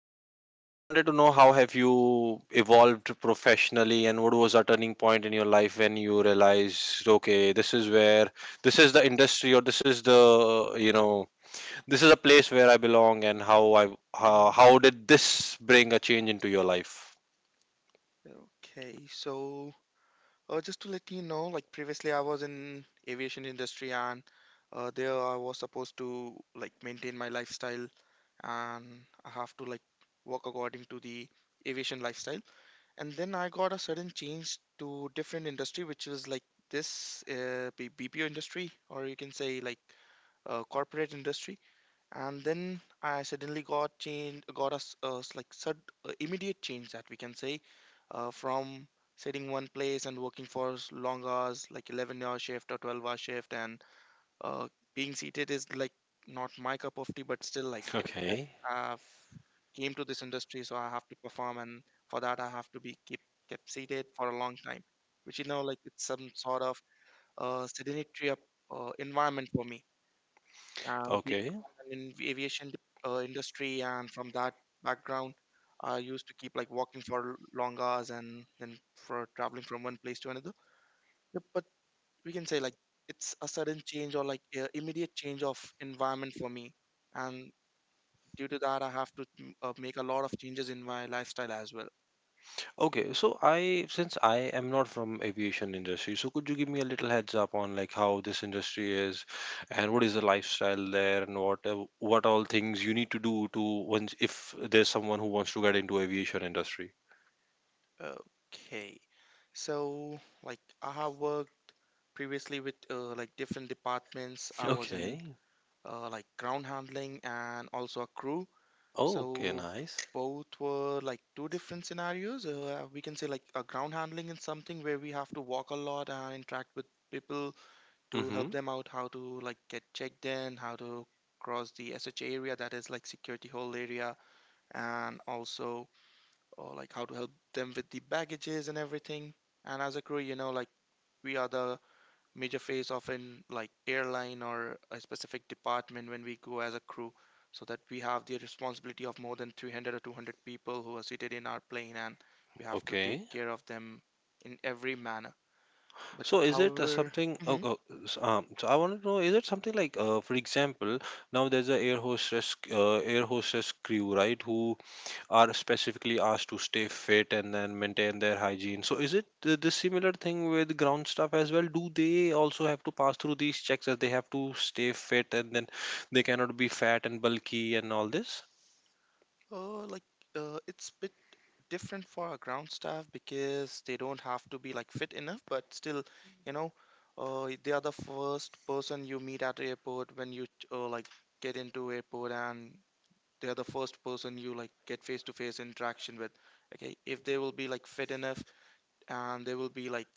I wanted to know, how have you evolved professionally and what was a turning point in your life when you realized, okay, this is the industry or this is the, you know, this is a place where I belong and how I how, Mhm. how did this bring a change into your life? Okay, so just to let you know, like previously I was in aviation industry, and there I was supposed to like maintain my lifestyle, and I have to like work according to the aviation lifestyle. And then I got a sudden change to different industry, which was like this BPO industry, or you can say like corporate industry. And then I suddenly got change got us like sud immediate change that we can say, from sitting one place and working for long hours, like 11-hour shift or 12-hour shift. And uh, being seated is like not my cup of tea, but still, like if Okay. I have came to this industry, so I have to perform, and for that I have to be keep kept seated for a long time, which you know, like it's some sort of sedentary environment for me, being Okay. from an in aviation industry, and from that background I used to keep like walking for long hours and then for traveling from one place to another. Yep, but we can say like it's a sudden change or like immediate change of environment for me, and due to that I have to make a lot of changes in my lifestyle as well. Okay, so I since I am not from aviation industry, so could you give me a little heads up on like how this industry is and what is the lifestyle there and what all things you need to do to once if there's someone who wants to get into aviation industry. Okay, so like I have worked previously with like different departments. I was in Okay. Like ground handling and also a crew. Oh, So okay, nice. both were like two different scenarios. We can say like a ground handling is something where we have to walk a lot and interact with people to help Mm-hmm. them out how to like get checked in, how to cross the SH area, that is like security hold area, and also or like how to help them with the baggages and everything. And as a crew, you know, like we are the major phase of an like airline or a specific department when we go as a crew, so that we have the responsibility of more than 300 or 200 people who are seated in our plane, and we have to Okay. take care of them in every manner. But So is it however, something? Oh, hmm, oh, s- um, so I want to know, is it something like, for example, now there's a air hostess crew, right? Who are specifically asked to stay fit and then maintain their hygiene. So is it this similar thing with ground staff as well? Do they also have to pass through these checks as they have to stay fit and then they cannot be fat and bulky and all this? uh, like it's bit different for our ground staff, because they don't have to be like fit enough, but still, you know, they are the first person you meet at the airport when you like get into airport, and they are the first person you like get face to face interaction with. Okay, if they will be like fit enough, and they will be like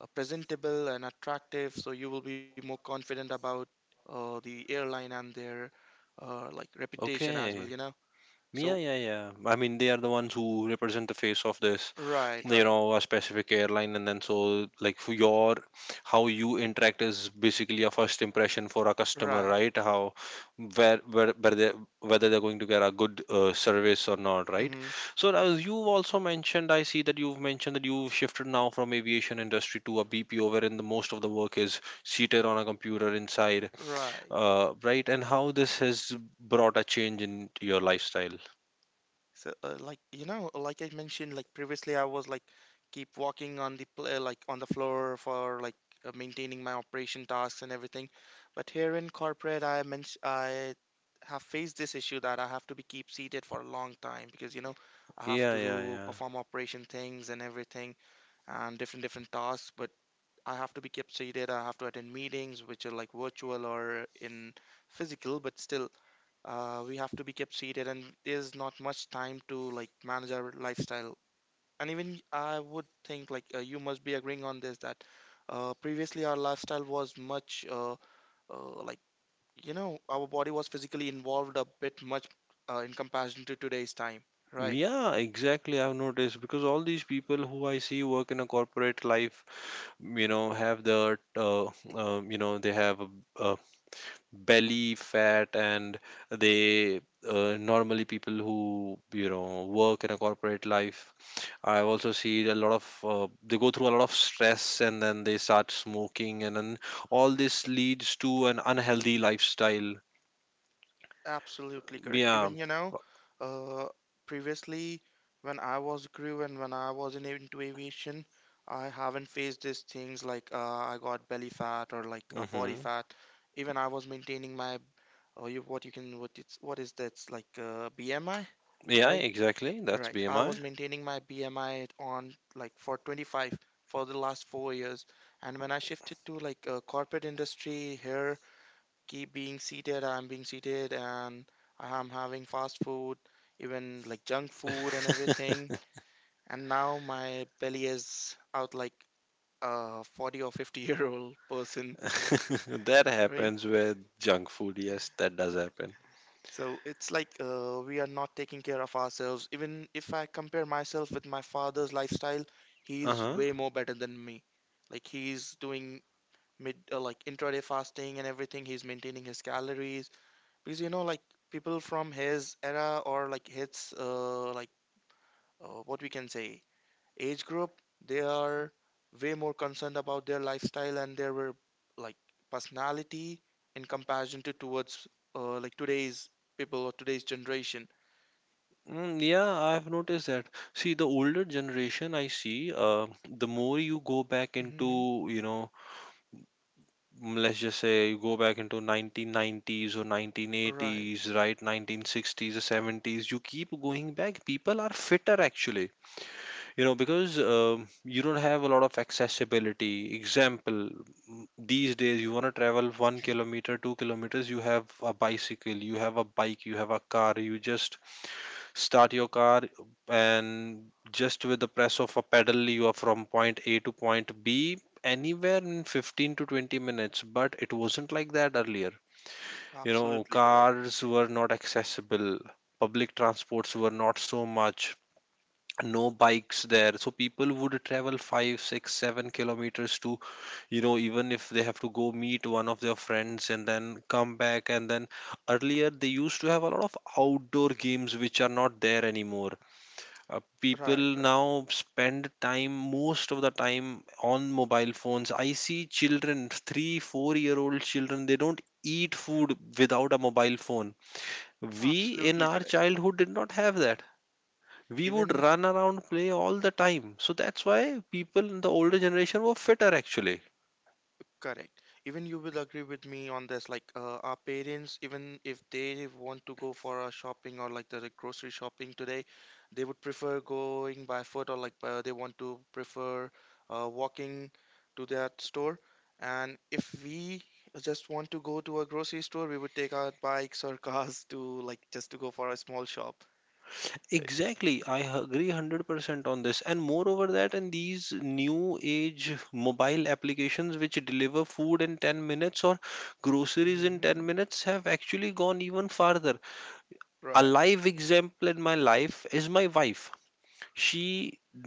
presentable and attractive, so you will be more confident about the airline and their like reputation as well, Okay. you know. Yeah, So yeah, yeah. I mean, they are the ones who represent the face of right right a specific airline, and then so like for your how you interact is basically a first impression for a customer, right. right? How where they whether they're going to get a good service or not, right? Hmm. So as you've also mentioned, I see that you've mentioned that you've shifted now from aviation industry to a BPO, wherein the most of the work is seated on a computer inside, Right. Right? And how this has brought a change in your lifestyle. So, like you know, like I mentioned, like previously, I was like keep walking on the like on the floor for like maintaining my operation tasks and everything. But here in corporate, I have faced this issue that I have to be keep seated for a long time, because you know I have Yeah, to yeah, do yeah. perform operation things and everything, and different tasks, but I have to be kept seated. I have to attend meetings which are like virtual or in physical, but still we have to be kept seated, and there's not much time to like manage our lifestyle. And even I would think like you must be agreeing on this, that previously our lifestyle was much uh, like you know, our body was physically involved a bit much in comparison to today's time, right? Yeah, exactly. I've noticed because all these people who I see work in a corporate life, have they have a belly fat and they normally people who, work in a corporate life. I also see they go through a lot of stress and then they start smoking and then all this leads to an unhealthy lifestyle. Absolutely correct. Yeah. Even uh, previously, when I was crew and when I was in into aviation, I haven't faced these things, like I got belly fat or like body Mm-hmm. fat. Even I was maintaining my, or you, what you can what it's what is that's like BMI, Yeah, right? exactly. That's Right. I BMI. was maintaining my BMI on like for 25 for the last four years, and when I shifted to like corporate industry here, keep being seated. I'm being seated, and I'm having fast food, even like junk food and everything. And now my belly is out like a 40 or 50 year old person, That right? happens with junk food. Yes, that does happen. So it's like we are not taking care of ourselves. Even if I compare myself with my father's lifestyle, Uh he's huh. way more better than me. Like he's doing mid like intraday fasting and everything. He's maintaining his calories, because you know like people from his era or like his like what we can say age group, they are way more concerned about their lifestyle and their like personality in comparison to towards like today's people or today's generation. Yeah, I've noticed that. See, the older generation I see, the more you go back Hmm. into, let's just say you go back into 1990s or Right. 1980s, right? 1960s or 70s, you keep going back. People are fitter actually. Because you don't have a lot of accessibility, example these days you want to travel 1 kilometer, 2 kilometers. You have a bicycle, you have a bike, you have a car. You just start your car, and just with the press of a pedal you are from point a to point b anywhere in 15 to 20 minutes. But it wasn't like that earlier. you know Absolutely correct. cars were not accessible, public transports were not so much, no bikes there. So people would travel 5, 6, 7 kilometers to, even if they have to go meet one of their friends, and then come back. And then earlier they used to have a lot of outdoor games, which are not there anymore. People Right. Right. now spend time, most of the time on mobile phones. I see children, 3 4 year old children, they don't eat food without a mobile phone. We in Absolutely our correct. childhood did not have that. We would Even, run around, play all the time. So that's why people in the older generation were fitter actually. correct. Even you will agree with me on this. Like, our parents, even if they want to go for a shopping or like the grocery shopping today, they would prefer going by foot, or like they want to prefer walking to that store. And if we just want to go to a grocery store, we would take our bikes or cars to like just to go for a small shop. Right. Exactly, I agree 100% on this. And moreover that, in these new age mobile applications which deliver food in 10 minutes or groceries in 10 Hmm. minutes, have actually gone even farther. A Right. live example in my life is my wife. She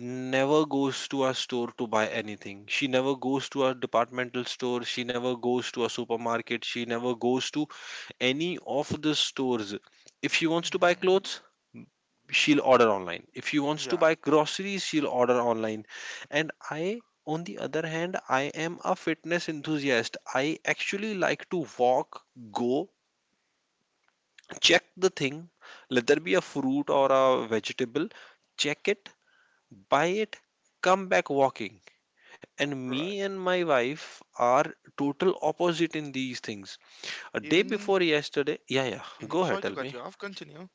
never goes to a store to buy anything. She never goes to a departmental store. She never goes to a supermarket. She never goes to any of the stores. If she wants to buy Hmm. clothes, she'll order online. If she wants to Yeah. buy groceries, she'll order online. And I, on the other hand, I am a fitness enthusiast. I actually like to walk, go, check the thing, let there be a fruit or a vegetable, check it, buy it, come back walking. And me Right. and my wife are total opposite in these things. A day Even, before yesterday, yeah, yeah, mhm, go ahead, sorry to tell cut me. you off. Continue.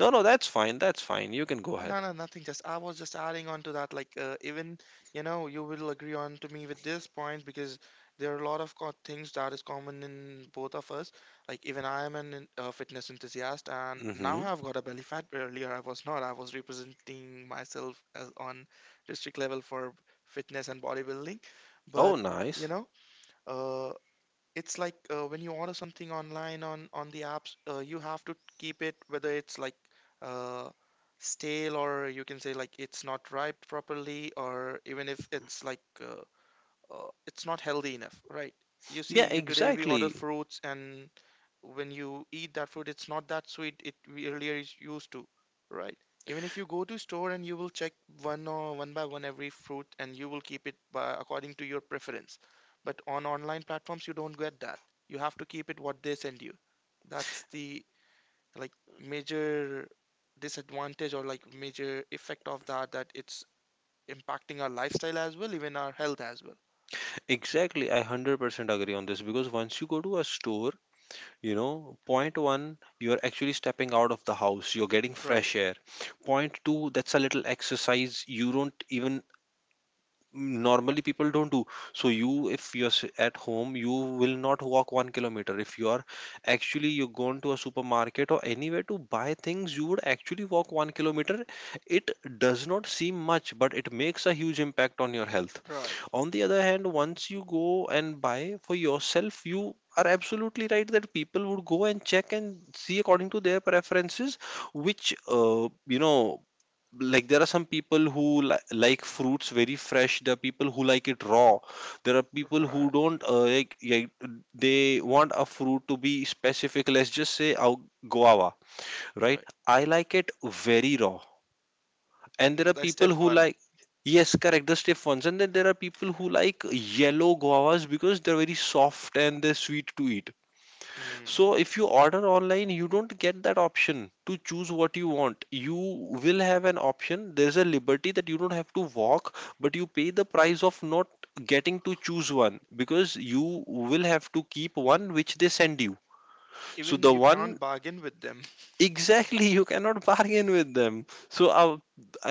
No, no, that's fine, that's fine. You can go No, ahead. no, nothing. Just I was just adding on to that. Like, even you know, you will agree on to me with this point, because there are a lot of things that is common in both of us. Like, even I am an fitness enthusiast, and now Mm-hmm. I've got a belly fat. But earlier, I was not. I was representing myself as on district level for fitness and bodybuilding. Oh, But you nice. know, uh, it's like when you order something online on the apps, you have to keep it, whether it's like uh, stale, or you can say like it's not ripe properly, or even if it's like it's not healthy enough, right? You see, Yeah, you today we order exactly. fruits, and when you eat that fruit, it's not that sweet. It we earlier is used to Right. Even if you go to store and you will check one or one by one every fruit, and you will keep it by, according to your preference. But on online platforms, you don't get that. You have to keep it what they send you. That's the like major disadvantage or like major effect of that, that it's impacting our lifestyle as well, even our health as well, Exactly. I 100% agree on this because once you go to a store, point one, you're actually stepping out of the house, you're getting right? fresh air. Point two, that's a little exercise you don't even normally people don't do. So you, if you're at home, you will not walk 1 kilometer. If you are actually you are going to a supermarket or anywhere to buy things, you would actually walk 1 kilometer. It does not seem much, but it makes a huge impact on your health. Right, On the other hand, once you go and buy for yourself, you are absolutely right that people would go and check and see according to their preferences, which like there are some people who like fruits very fresh, there are people who like it raw, there are people who right, don't they want a fruit to be specific, let's just say, guava, right? right. I like it very raw, and there No, are that's step people who one. like, yes, correct, the stiff ones. And then there are people who like yellow guavas because they're very soft and they're sweet to eat. Mm. So if you order online, you don't get that option to choose what you want. You will have an option. There's a liberty that you don't have to walk, but you pay the price of not getting to choose one, because you will have to keep one which they send you. So Even the you can't one bargain with them. exactly, you cannot bargain with them, so uh,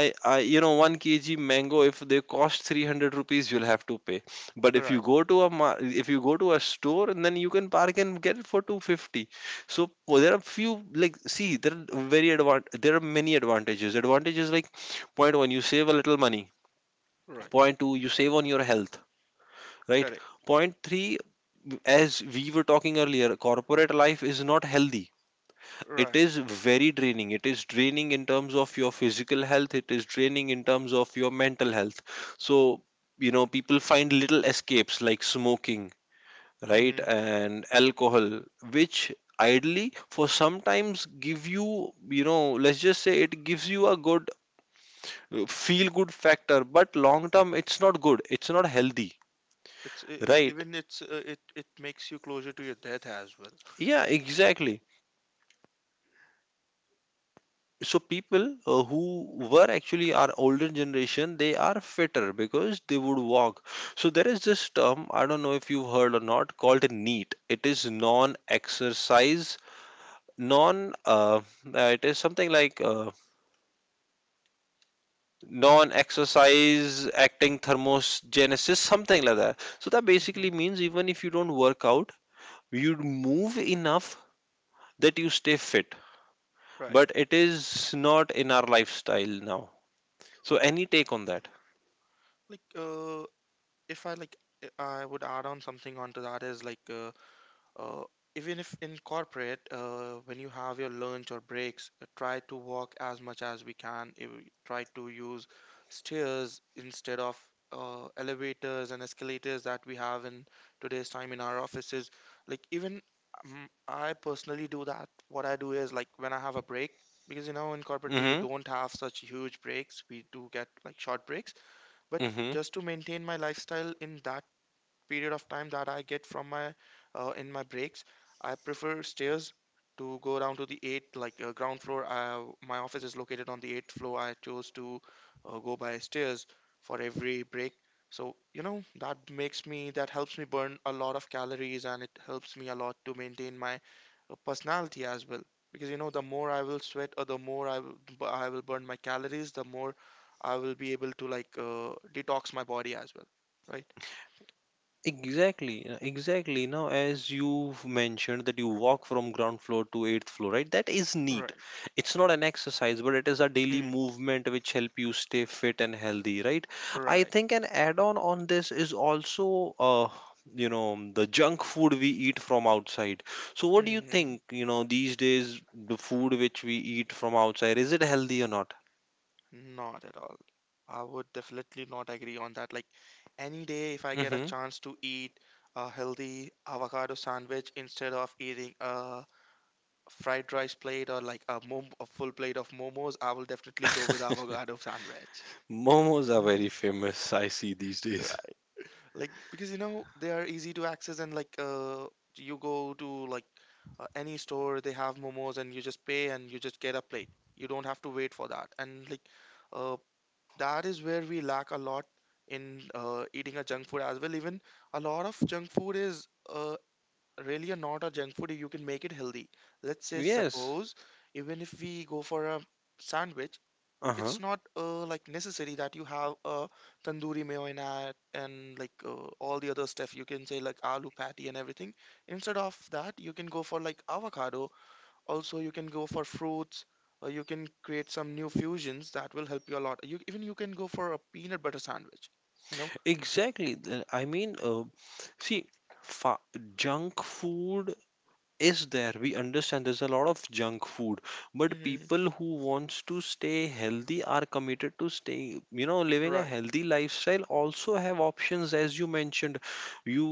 I, I 1 kg mango, if they cost 300 rupees, you'll have to pay. But if Right, you go to a mar- if you go to a store, and then you can bargain, get it for 250. So well, there are few, like, see, there are many advantages, like point 1, you save a little money, right, point 2, you save on your health, right, correct, point 3, as we were talking earlier, corporate life is not healthy. It right. is very draining. It is draining in terms of your physical health, it is draining in terms of your mental health. So people find little escapes like smoking, right, Mm-hmm. and alcohol, which ideally for sometimes give you you know, let's just say, it gives you a good feel good factor, but long term it's not good, it's not healthy. Right, It it makes you closer to your death as well. yeah, exactly. So people, who were actually our older generation, they are fitter because they would walk. So there is this term, I don't know if you've heard or not, called neat. It is non exercise, non it is something like non exercise acting thermogenesis, something like that. So that Mm-hmm. basically means even if you don't work out, you would move enough that you stay fit. Right. But it is not in our lifestyle now. So any take on that? Like if I like, I would add on something onto that is like Uh, even if in corporate, when you have your lunch or breaks, try to walk as much as we can. You Try to use stairs instead of elevators and escalators that we have in today's time in our offices. Like even I personally do that. What I do is like when I have a break, because you know in corporate we Hmm. don't have such huge breaks. We do get like short breaks, but Mm-hmm. just to maintain my lifestyle in that period of time that I get from my in my breaks, I prefer stairs to go down to the eighth, like ground floor. I, my office is located on the eighth floor. I chose to go by stairs for every break. So, you know, that makes me, that helps me burn a lot of calories, and it helps me a lot to maintain my personality as well. Because, you know, the more I will sweat, or the more I will, I will burn my calories, the more I will be able to like detox my body as well, right? Exactly, exactly. Now, as you've mentioned that you walk from ground floor to eighth floor, right? That is neat. Right. It's not an exercise, but it is a daily movement which help you stay fit and healthy, right? I Right. think an add-on on this is also, the junk food we eat from outside. So, what do you Hmm. think? These days, the food which we eat from outside, is it healthy or not? Not at all. I would definitely not agree on that. Like any day, if I get a Mm-hmm. chance to eat a healthy avocado sandwich instead of eating a fried rice plate, or like a, a full plate of momos, I will definitely go with avocado sandwich. Momos are You know? very famous, I see these days. Right. Like because you know they are easy to access, and like you go to like any store, they have momos, and you just pay and you just get a plate. You don't have to wait for that. And like uh that is where we lack a lot in eating a junk food as well. Even a lot of junk food is really a not a junk food, you can make it healthy. Let's say Yes. suppose, even if we go for a sandwich, it's Uh-huh. not like necessary that you have a tandoori mayo in it and like all the other stuff you can say, like aloo patty and everything. Instead of that you can go for like avocado. Also, you can go for fruits, or you can create some new fusions that will help you a lot. You, even you can go for a peanut butter sandwich, you know? Exactly. I mean, see, fa- junk food is there, we understand there's a lot of junk food, but Hmm. people who wants to stay healthy are committed to staying living a Right, healthy lifestyle, also have options, as you mentioned. You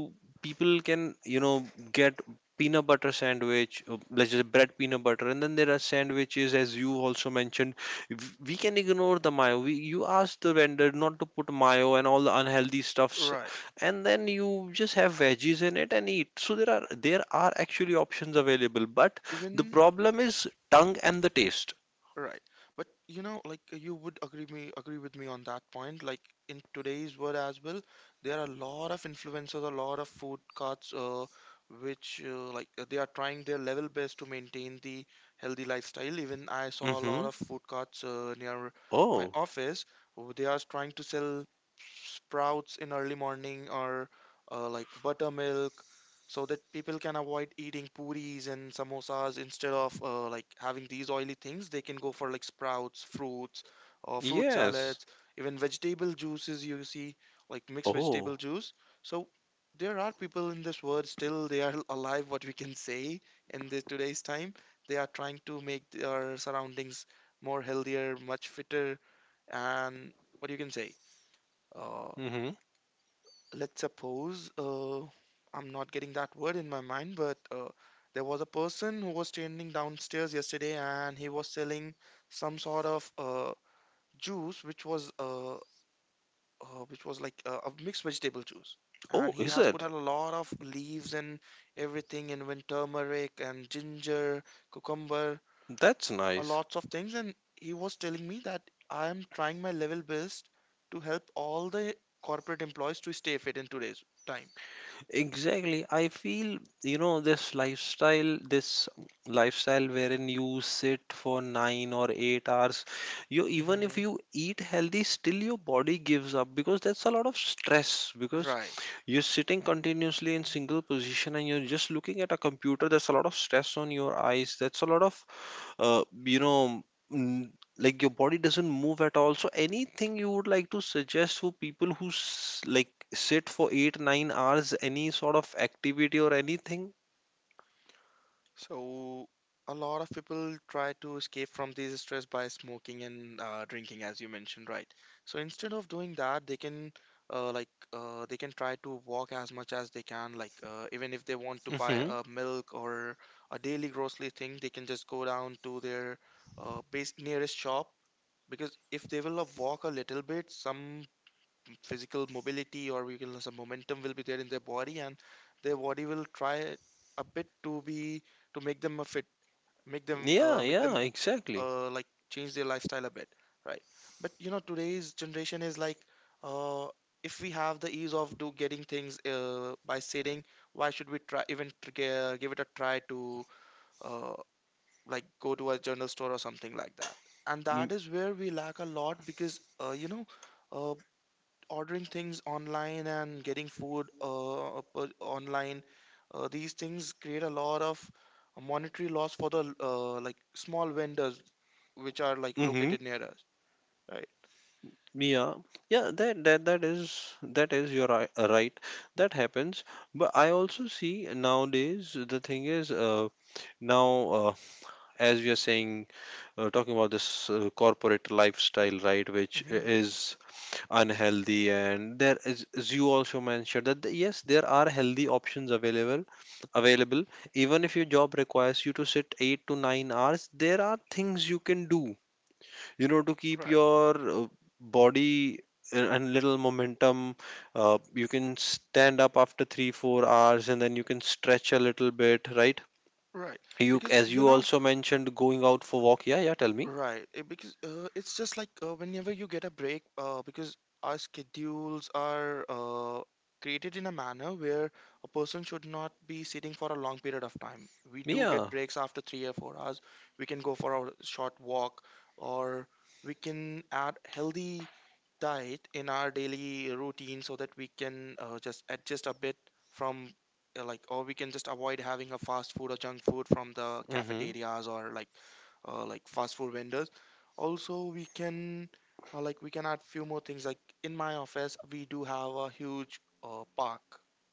people can get peanut butter sandwich, let's just, bread peanut butter, and then there are sandwiches, as you also mentioned. We can ignore the mayo, you ask the vendor not to put mayo and all the unhealthy stuffs, right. and then you just have veggies in it and eat. So there are actually options available. But the Even problem is tongue and the taste. Right. But you know, like you would agree with me on that point. Like in today's world as well, there are a lot of influencers, a lot of food carts, which they are trying their level best to maintain the healthy lifestyle. Even I saw a lot Mhm. of food carts near my Oh. office. They are trying to sell sprouts in early morning or like buttermilk, so that people can avoid eating puris and samosas. Instead of like having these oily things, they can go for like sprouts, fruits, or fruit Yes. salads, even vegetable juices, you see, like mixed vegetable Oh. juice. So there are people in this world, still they are alive, what we can say, in this today's time. They are trying to make their surroundings more healthier, much fitter, and what you can say, uh, Mhm. let's suppose, I'm not getting that word in my mind, but there was a person who was standing downstairs yesterday and he was selling some sort of juice which was like a mixed vegetable juice. Oh, And he is has put it? a lot of leaves and everything, and when turmeric and ginger, cucumber, That's a nice. lots of things. And he was telling me that I am trying my level best to help all the corporate employees to stay fit in today's time. Exactly. I feel, you know, this lifestyle wherein you sit for 9 or 8 hours, you even if Mm-hmm. you eat healthy, still your body gives up because that's a lot of stress because Right. you're sitting continuously in single position and you're just looking at a computer. That's a lot of stress on your eyes. That's a lot of uh, you know, like your body doesn't move at all. So anything you would like to suggest for people who like sit for eight, 9 hours, any sort of activity or anything? So a lot of people try to escape from this stress by smoking and drinking, as you mentioned, right? So instead of doing that, they can try to walk as much as they can. Like even if they want to buy Hmm. a milk or a daily grocery thing, they can just go down to their base nearest shop, because if they will walk a little bit, some physical mobility, or we can, some momentum will be there in their body, and their body will try a bit to be, to make them a fit, make them Yeah, yeah, exactly. Like change their lifestyle a bit, right? But you know, today's generation is like, uh, if we have the ease of do getting things by sitting, why should we try, even give it a try to uh, like go to a general store or something like that. And that is where we lack a lot, because uh, ordering things online and getting food online, these things create a lot of monetary loss for the like small vendors which are like Mm-hmm. located near us, right? Yeah, yeah. That is your right. Right. That happens. But I also see nowadays the thing is now. uh, as we are saying, talking about this corporate lifestyle, right, which Hmm. is unhealthy, and there is, as you also mentioned, that yes, there are healthy options available, available even if your job requires you to sit 8 to 9 hours. There are things you can do, you know, to keep Right, your body and little momentum. You can stand up after 3 4 hours and then you can stretch a little bit, right? right. You, because as you you know also mentioned, going out for walk. Yeah, yeah. Tell me. Right, because it's just like, whenever you get a break, because our schedules are created in a manner where a person should not be sitting for a long period of time. We do get Yeah. breaks after 3 or 4 hours. We can go for a short walk, or we can add healthy diet in our daily routine, so that we can just adjust a bit from, or we can just avoid having a fast food or junk food from the Mm-hmm. cafeterias or like fast food vendors. Also we can we can add few more things. Like in my office we do have a huge park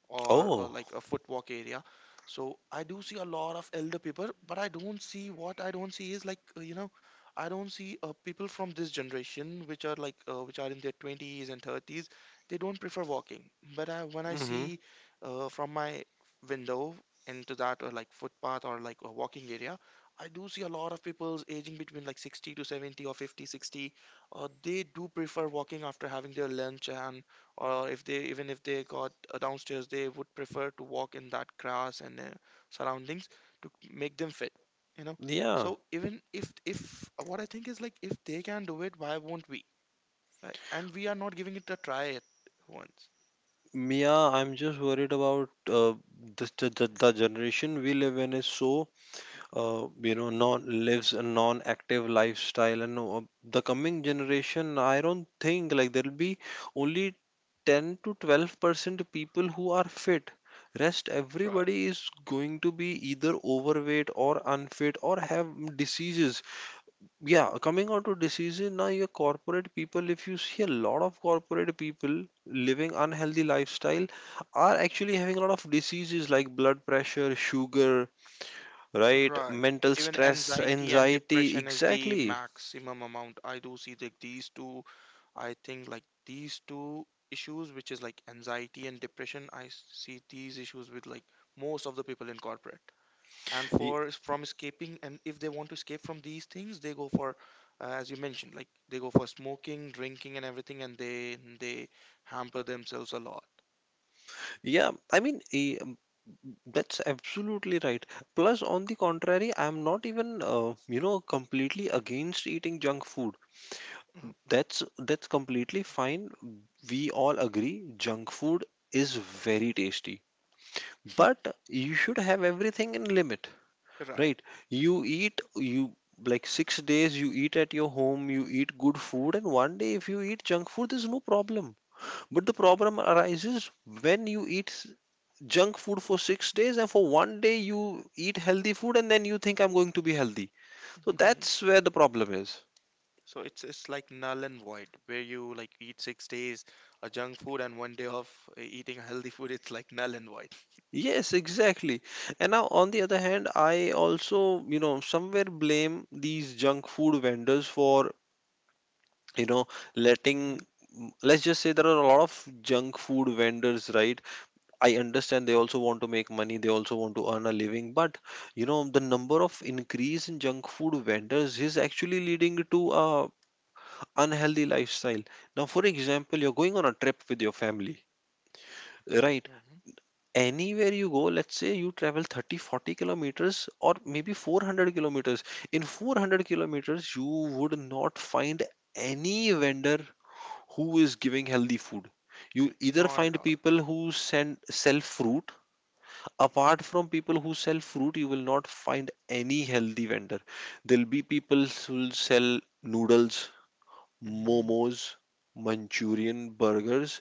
or Oh. like a footwalk area. So I do see a lot of elder people, but I don't see, what I don't see is like, I don't see people from this generation which are like which are in their 20s and 30s. They don't prefer walking. But I, when I Mm-hmm. see from my window, into that or like footpath or like a walking area, I do see a lot of people's aging between like 60 to 70 or 50, 60. They do prefer walking after having their lunch, and or if they, even if they got downstairs, they would prefer to walk in that grass and surroundings to make them fit, you know. Yeah. So even if what I think is like, if they can do it, why won't we? Right? And we are not giving it a try at once. Yeah, I'm just worried about this, the generation we live in is so, non lives a non-active lifestyle, and the coming generation, I don't think like there'll be only 10 to 12% people who are fit. Rest Right, everybody is going to be either overweight or unfit or have diseases. Yeah, coming on to diseases now, your corporate people, if you see a lot of corporate people living unhealthy lifestyle, are actually having a lot of diseases like blood pressure, sugar, right, right. mental Even stress, anxiety and anxiety. depression is the Exactly. maximum amount. I do see that, these two I think, like these two issues, which is like anxiety and depression, I see these issues with like most of the people in corporate. And Y- for from escaping, and if they want to escape from these things, they go for, as you mentioned, like they go for smoking, drinking, and everything, and they hamper themselves a lot. Yeah, I mean, that's absolutely right. Plus, on the contrary, I'm not even, you know, completely against eating junk food. That's that's completely fine. We all agree junk food is very tasty. But you should have everything in limit, Mhm. Right. right? You eat you like 6 days you eat at your home, you eat good food, and 1 day if you eat junk food there's no problem. But the problem arises when you eat junk food for 6 days and for 1 day you eat healthy food and then you think I'm going to be healthy. So Hmm. that's where the problem is. So it's like null and void, where you like eat 6 days a junk food and one day of eating healthy food. It's like null and void. Yes, exactly. And now, on the other hand, I also, you know, somewhere blame these junk food vendors for, you know, letting, Hmm. let's just say there are a lot of junk food vendors, right? I understand they also want to make money, they also want to earn a living, but, you know, the number of increase in junk food vendors is actually leading to a unhealthy lifestyle. Now, for example, you're going on a trip with your family. Right. Hmm. Anywhere you go, let's say you travel 30 40 kilometers or maybe 400 kilometers. In 400 kilometers you would not find any vendor who is giving healthy food. You either Not at find all. people who send sell fruit. Apart from people who sell fruit, you will not find any healthy vendor. There'll be people who will sell noodles, Mm-hmm. momos, manchurian, burgers,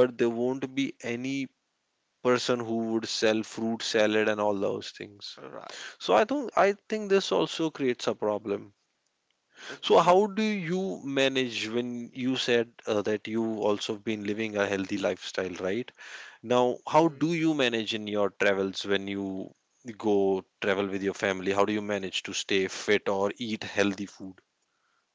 but there won't be any person who would sell fruit salad and all those things. Right. So I think this also creates a problem. Uh, they So like, how do you manage when you said that you also been living a healthy lifestyle, right? Now, how do mm. you manage in your travels when you go travel with your family? How do you manage to stay fit or eat healthy food?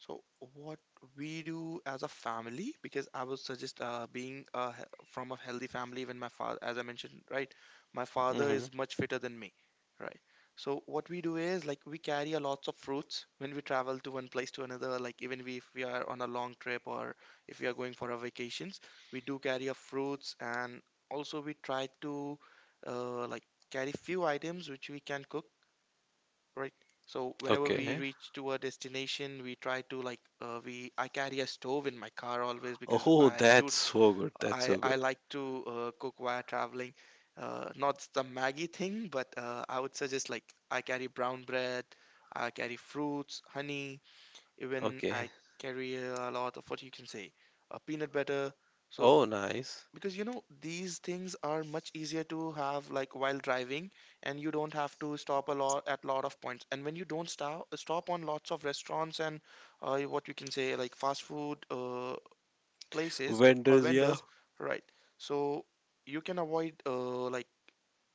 So what we do as a family, because I would suggest being from a healthy family. When my father, as I mentioned, right, my father Hmm. is much fitter than me, right? So what we do is like we carry a lots of fruits when we travel to one place to another. Like even we, if we are on a long trip or if we are going for our vacations, we do carry our fruits, and also we try to like carry few items which we can cook, right. So whenever we Okay. reach to a destination, we try to like, we I carry a stove in my car always, because Oh, I do that's so good. That's so I good. like to cook while traveling. Not the maggie thing, but I would suggest, like I carry brown bread, I carry fruits, honey, even Okay. I carry a lot of what you can say, peanut butter. So Oh, nice. because you know these things are much easier to have like while driving, and you don't have to stop a lot at lot of points, and when you don't stop on lots of restaurants and what you can say, like fast food places or Vendors, yeah. vendors, right? So you can avoid like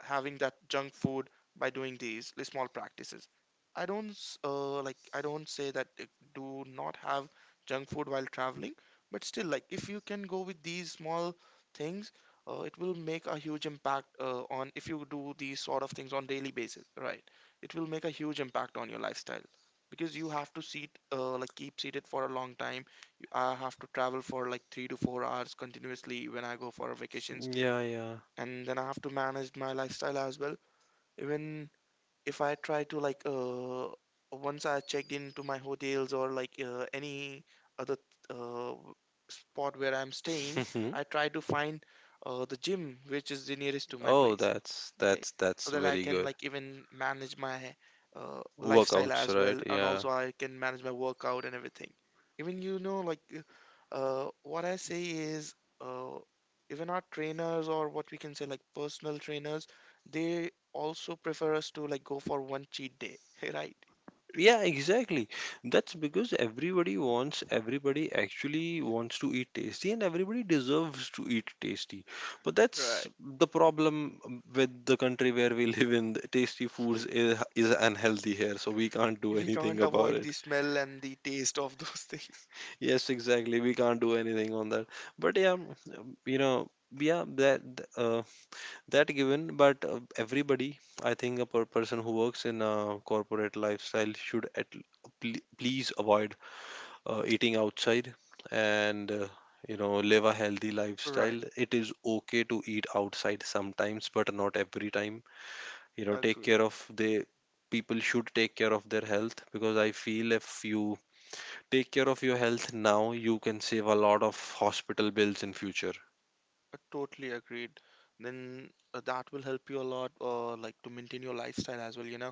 having that junk food by doing these small practices. I don't say that do not have junk food while traveling, but still like if you can go with these small things, it will make a huge impact, on if you do these sort of things on daily basis, right? It will make a huge impact on your lifestyle, because you have to seat like keep seated for a long time. I have to travel for like 3 to 4 hours continuously when I go for vacations, Yeah, and then I have to manage my lifestyle as well. Even if I try to like, once I checked into my hotels or like any other uh spot where I'm staying, yeah. I try to find the gym which is the nearest to my Oh, place. that's Okay, that's so that's that I very can good. like even manage my lifestyle Workouts, as right? well, and Yeah. also I can manage my workout and everything. Even you know, like what I say is, uh even our trainers or what we can say, like personal trainers, they also prefer us to like go for one cheat day, right? Yeah, exactly. That's because everybody wants, everybody actually wants to eat tasty and everybody deserves to eat tasty. But that's Right. the problem with the country where we live in. Tasty foods is unhealthy here, so we can't do We anything can't about avoid the it. smell and the taste of those things. Yes, exactly. We can't do anything on that. But yeah, you know, yeah, that uh, that given, but everybody, I think a person who works in a corporate lifestyle should at please avoid eating outside and you know, live a healthy lifestyle. Right. It is okay to eat outside sometimes but not every time, you know. Take care Agreed. of the people should take care of their health, because I feel if you take care of your health now, you can save a lot of hospital bills in future. Totally agreed. Then that will help you a lot, like to maintain your lifestyle as well, you know.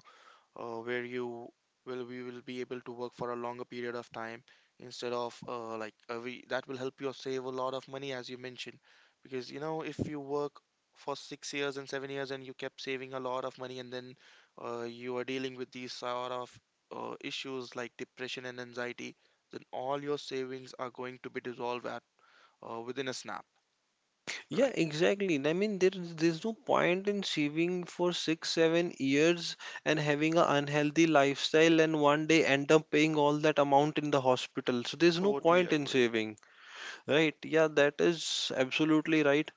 Where you will, we will be able to work for a longer period of time, instead of that will help you save a lot of money, as you mentioned, because you know if you work for 6 years and 7 years, and you kept saving a lot of money, and then you are dealing with these sort of issues like depression and anxiety, then all your savings are going to be dissolved at within a snap. Yeah, Right. exactly. I mean, there's no point in saving for 6, 7 years and having an unhealthy lifestyle and 1 day end up paying all that amount in the hospital. So there's no Totally point in agree. saving, right? Yeah, that is absolutely right.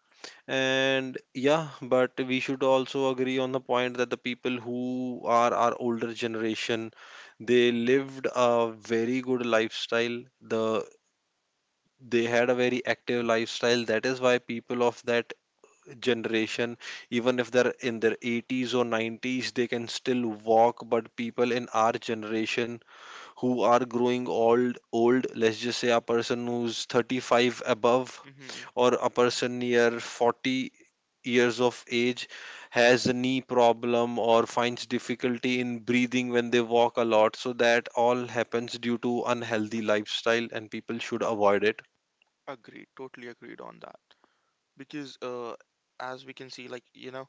And yeah, but we should also agree on the point that the people who are our older generation, they Mm-hmm. lived a very good lifestyle. The they had a very active lifestyle. That is why people of that generation, even if they're in their 80s or 90s, they can still walk, but people in our generation who are growing old, let's just say a person who's 35 above Mm-hmm. or a person near 40 years of age has a knee problem or finds difficulty in breathing when they walk a lot. So that all happens due to unhealthy lifestyle and people should avoid it. Agreed, totally agreed on that. Because as we can see, like you know,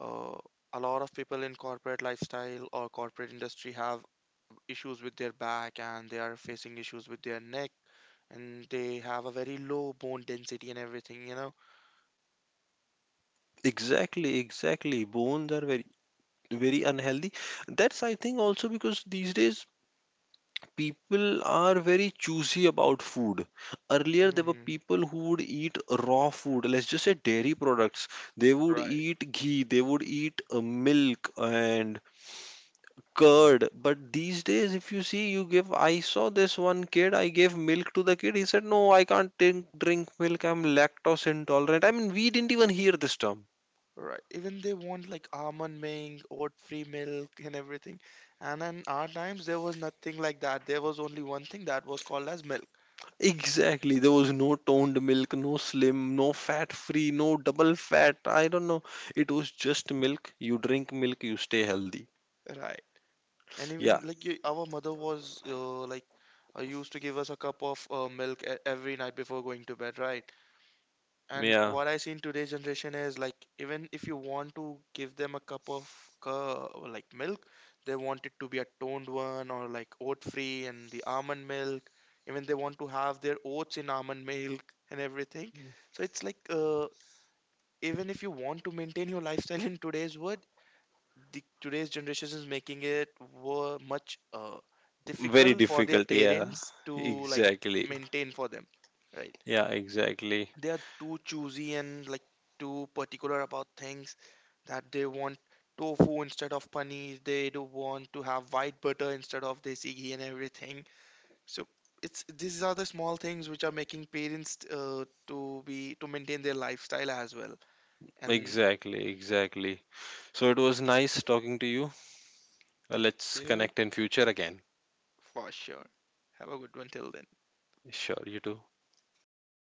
uh, a lot of people in corporate lifestyle or corporate industry have issues with their back, and they are facing issues with their neck, and they have a very low bone density and everything, you know. Exactly, exactly. Bones are very, very unhealthy. That's, I think, also because these days people are very choosy about food. Earlier there were Hmm. people who would eat raw food, let's just say dairy products. They would Right. eat ghee, they would eat milk and curd. But these days, if you see, you give, I saw this one kid, I gave milk to the kid, he said, no, I can't drink milk, I'm lactose intolerant. I mean, we didn't even hear this term. Right, even they want like almond milk, oat free milk, and everything. And in our times there was nothing like that. There was only one thing that was called as milk, Exactly. There was no toned milk, no slim, no fat free, no double fat. I don't know. It was just milk. You drink milk, you stay healthy. right? And Yeah. even like our mother was used to give us a cup of milk every night before going to bed, right? And Yeah. what I see in today's generation is like, even if you want to give them a cup of like milk, they want it to be a toned one or like oat free and the almond milk. Even they want to have their oats in almond milk and everything. So it's like, even if you want to maintain your lifestyle in today's world, the today's generation is making it were much Very difficult for their difficult. Yeah. parents to like Exactly. maintain for them, right. Yeah, exactly. They are too choosy and like too particular about things that they want. Tofu instead of paneer, they do want to have white butter instead of desi ghee and everything. So it's, these are the small things which are making parents to be, to maintain their lifestyle as well. And Exactly. Exactly. So it was nice talking to you. Thank Let's you. connect in future again. For sure. Have a good one, till then. Sure, you too. Bye bye.